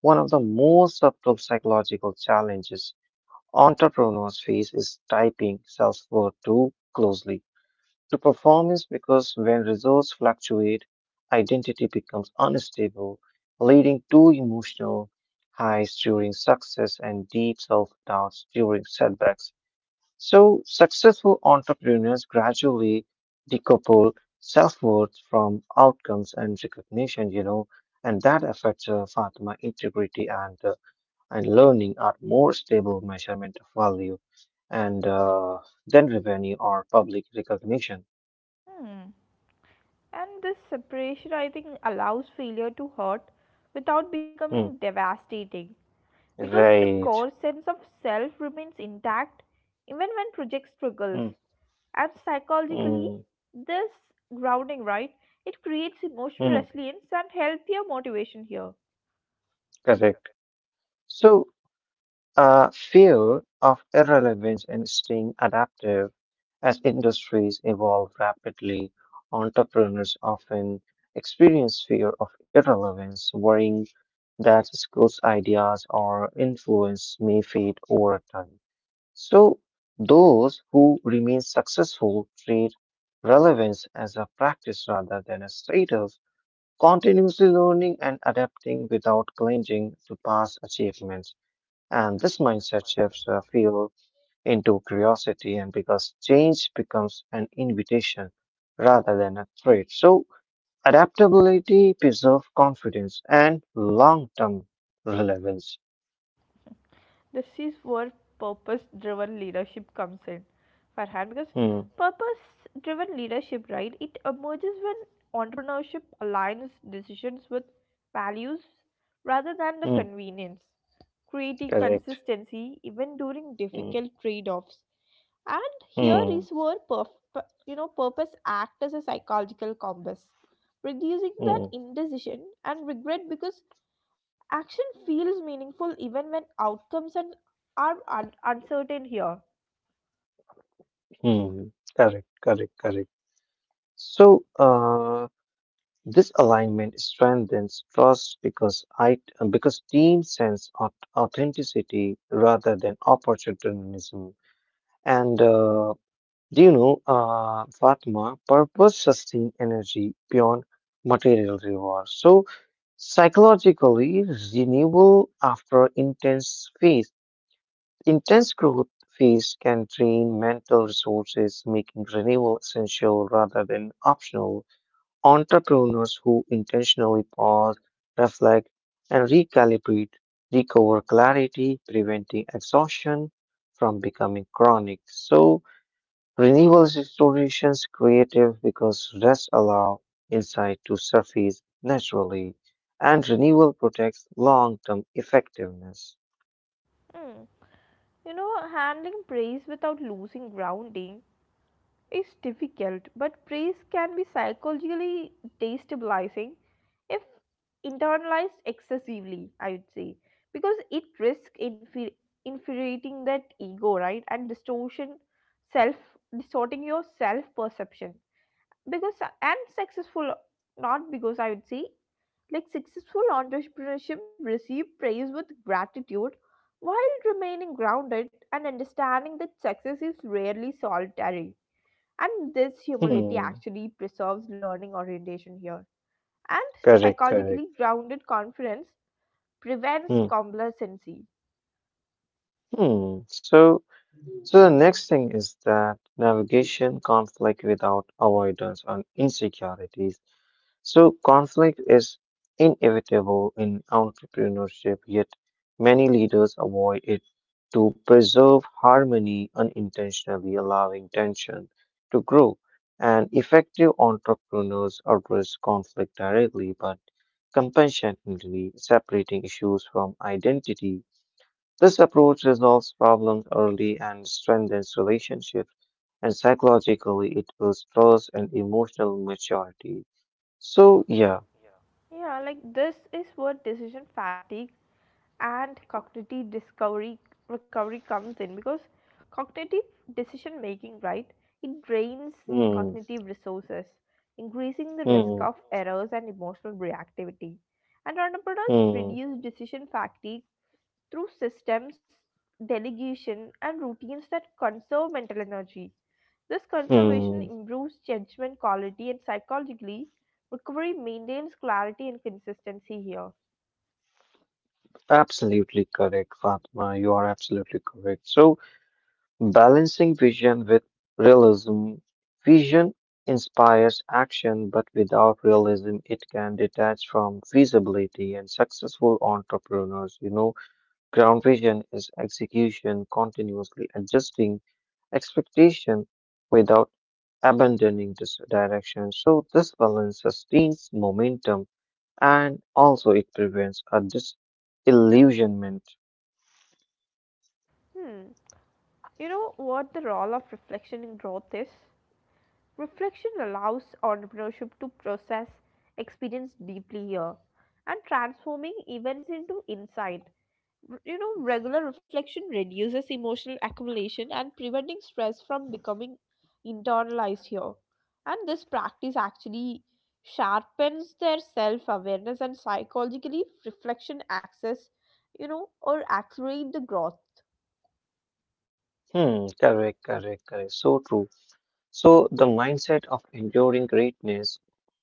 one of the most subtle psychological challenges entrepreneurs face is typing self-worth too closely to performance because when results fluctuate, identity becomes unstable, leading to emotional highs during success and deep self doubts during setbacks. So, successful entrepreneurs gradually decouple self worth from outcomes and recognition, and that affects Fatima integrity and and learning are more stable measurement of value and than revenue or public recognition.
Hmm. And this separation, I think, allows failure to hurt without becoming
Hmm.
devastating, because the
Right.
core sense of self remains intact even when project struggles.
Mm,
And psychologically,
mm,
this grounding, right, it creates emotional
mm,
resilience and healthier motivation here.
correct. So, fear of irrelevance and staying adaptive as industries evolve rapidly, entrepreneurs often experience fear of irrelevance, worrying that skills, ideas, or influence may fade over time. So, those who remain successful treat relevance as a practice rather than a status, continuously learning and adapting without clinging to past achievements. And this mindset shifts fuel into curiosity, and because change becomes an invitation rather than a threat. So, adaptability preserves confidence and long term relevance.
This is where purpose driven leadership comes in, Farhan, because
Hmm,
purpose driven leadership, right, it emerges when entrepreneurship aligns decisions with values rather than the
hmm,
convenience, creating
correct.
consistency even during
Hmm,
difficult trade offs. And here
hmm,
is where purpose acts as a psychological compass, reducing that
hmm,
indecision and regret, because action feels meaningful even when outcomes and are uncertain here.
hmm, correct, correct, correct. So, this alignment strengthens trust because I because teams sense authenticity rather than opportunism. And do you know, Fatma, purpose sustains energy beyond material rewards. So psychologically renewal after intense growth phase can drain mental resources, making renewal essential rather than optional. Entrepreneurs who intentionally pause, reflect, and recalibrate recover clarity, preventing exhaustion from becoming chronic. So, renewables explorations creative because rest allow insight to surface naturally, and renewal protects long-term effectiveness.
Hmm. You know, handling praise without losing grounding is difficult, but praise can be psychologically destabilizing if internalized excessively, I would say, because it risks infuriating that ego, right, and distortion self, distorting your self perception because and successful not because I would say like successful entrepreneurship receive praise with gratitude while remaining grounded and understanding that success is rarely solitary. And this humility
Hmm.
actually preserves learning orientation here, and
Correct. Correct.
psychologically grounded confidence prevents
Hmm.
complacency.
Hmm. So the next thing is that navigation conflict without avoidance and insecurities. So conflict is inevitable in entrepreneurship, yet many leaders avoid it to preserve harmony, unintentionally allowing tension to grow. And effective entrepreneurs address conflict directly but compassionately, separating issues from identity. This approach resolves problems early and strengthens relationships, and psychologically, it builds trust and emotional maturity. So, yeah,
Yeah, like this is where decision fatigue and cognitive discovery recovery comes in, because cognitive decision making, right? It drains
hmm,
cognitive resources, increasing the risk of
hmm,
errors and emotional reactivity. And entrepreneurs
hmm,
reduce decision fatigue through systems, delegation, and routines that conserve mental energy. This conservation
hmm.
improves judgment quality, and psychologically, recovery maintains clarity and consistency here.
Absolutely correct, Fatma. You are absolutely correct. So, balancing vision with realism. Vision inspires action, but without realism, it can detach from feasibility, and successful entrepreneurs, ground vision is execution, continuously adjusting expectation without abandoning this direction. So this balance sustains momentum and also it prevents a disillusionment.
Hmm, you know what the role of reflection in growth is? Reflection allows entrepreneurship to process experience deeply here, and transforming events into insight. You know, regular reflection reduces emotional accumulation and preventing stress from becoming internalized here. And this practice actually sharpens their self awareness, and psychologically reflection access, you know, or accelerate the growth.
Hmm, correct, correct, correct. So true. So the mindset of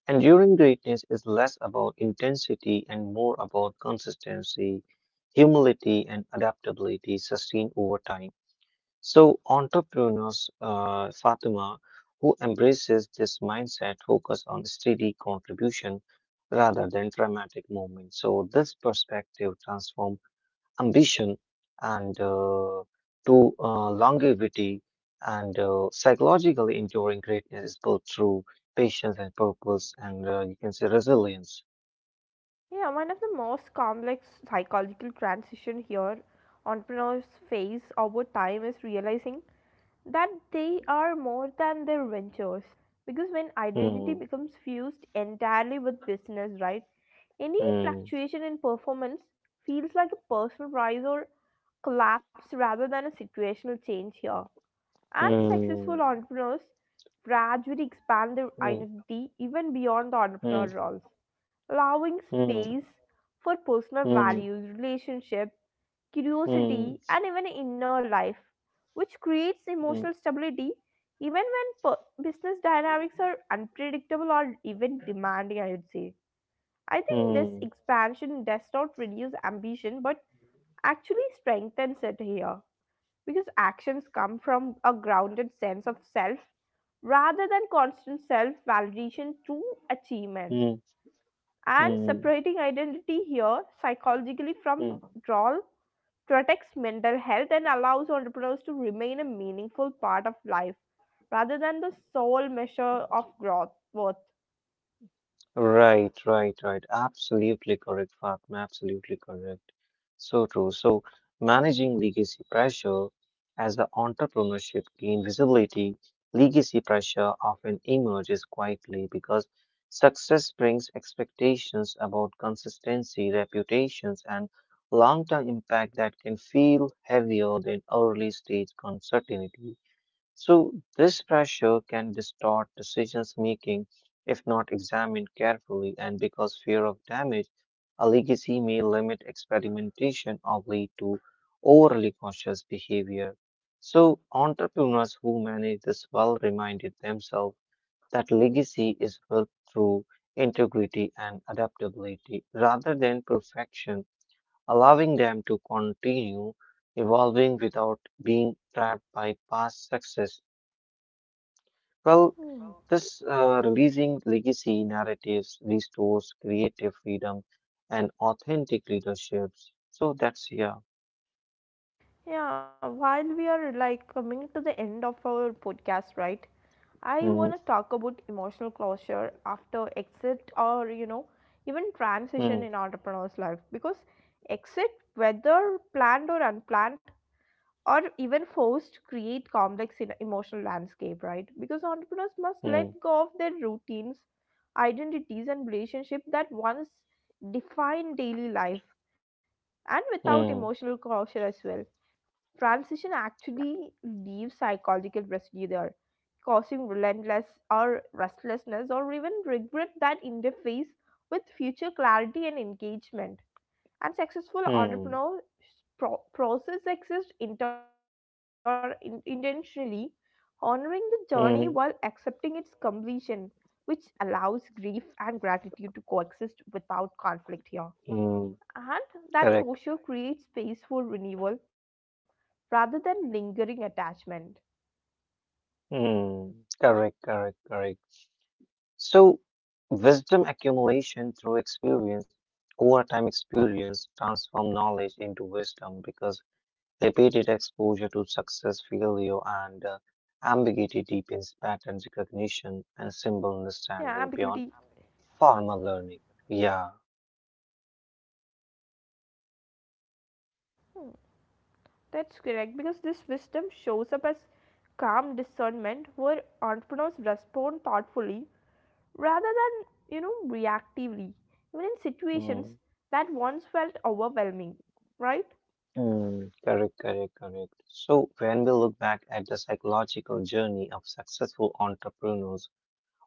enduring greatness is less about intensity and more about consistency, humility and adaptability sustained over time. So entrepreneurs, Fatima, who embraces this mindset focus on steady contribution rather than dramatic movement. So this perspective transform ambition and to longevity, and psychologically enduring greatness is built through patience and purpose, and you can say resilience.
Yeah, one of the most complex psychological transition here entrepreneurs face over time is realizing that they are more than their ventures, because when identity
Hmm.
becomes fused entirely with business, right, any
Hmm.
fluctuation in performance feels like a personal rise or collapse rather than a situational change here. And
Hmm.
successful entrepreneurs gradually expand their identity even beyond the entrepreneur
Hmm.
roles, allowing
Hmm.
space for personal
Hmm.
values, relationships,
Hmm.
curiosity, and even inner life, which creates emotional
Hmm.
stability even when business dynamics are unpredictable or even demanding, I would say. I think this
Hmm.
expansion does not reduce ambition but actually strengthens it here, because actions come from a grounded sense of self rather than constant self validation through achievement.
Hmm.
And
Mm,
separating identity here psychologically from
mm.
role protects mental health and allows entrepreneurs to remain a meaningful part of life rather than the sole measure of growth worth.
Right, right, right. Absolutely correct, Fatma. Absolutely correct. So true. So managing legacy pressure, as the entrepreneurship gain visibility, legacy pressure often emerges quietly because success brings expectations about consistency, reputations, and long-term impact that can feel heavier than early stage uncertainty. So, this pressure can distort decisions making if not examined carefully, and because fear of damage, a legacy may limit experimentation or lead to overly cautious behavior. So, entrepreneurs who manage this well reminded themselves that legacy is built through integrity and adaptability rather than perfection, allowing them to continue evolving without being trapped by past success. Well,
Hmm.
this releasing legacy narratives restores creative freedom and authentic leaderships. So that's yeah.
Yeah, while we are like coming to the end of our podcast, right? I want to
Mm,
talk about emotional closure after exit, or you know, even transition
mm,
in entrepreneur's life, because exit, whether planned or unplanned or even forced, to create complex emotional landscape, right? Because entrepreneurs must
mm,
let go of their routines, identities, and relationship that once define daily life. And without
mm,
emotional closure as well, transition actually leaves psychological residue there, causing relentless or restlessness or even regret that interface with future clarity and engagement. Unsuccessful
mm,
entrepreneurs process exist intentionally, honoring the journey while
mm,
accepting its completion, which allows grief and gratitude to coexist without conflict here.
mm.
And
Correct.
that closure creates space for renewal rather than lingering attachment.
Mm, correct, correct, correct. So wisdom accumulation through experience, over time experience transform knowledge into wisdom because repeated exposure to success, failure, and ambiguity deepens pattern
Yeah,
recognition and
ambiguity.
symbol understanding beyond formal learning. Yeah.
That's correct, because this wisdom shows up as calm discernment where entrepreneurs respond thoughtfully rather than, you know, reactively, even in situations
Mm,
that once felt overwhelming, right?
mm, correct, correct, correct. So, when we look back at the psychological journey of successful entrepreneurs,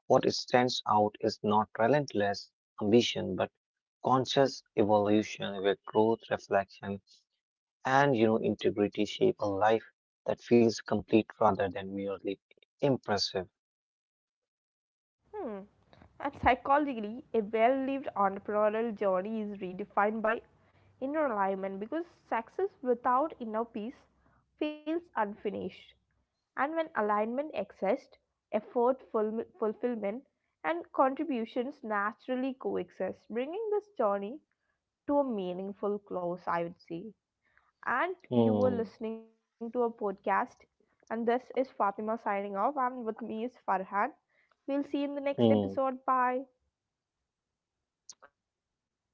what stands out is not relentless ambition but conscious evolution where growth, reflection, and integrity shape a life that feels complete rather than merely impressive.
Hmm. And psychologically, a well lived entrepreneurial journey is redefined by inner alignment, because success without inner peace feels unfinished. And when alignment exists, effort, fulfillment, and contributions naturally coexist, bringing this journey to a meaningful close, I would say. And you were
Hmm.
listening to a podcast. And this is Fatima signing off, and with me is Farhan. We'll see you in the next
Hmm.
episode. Bye.
Bye, everyone.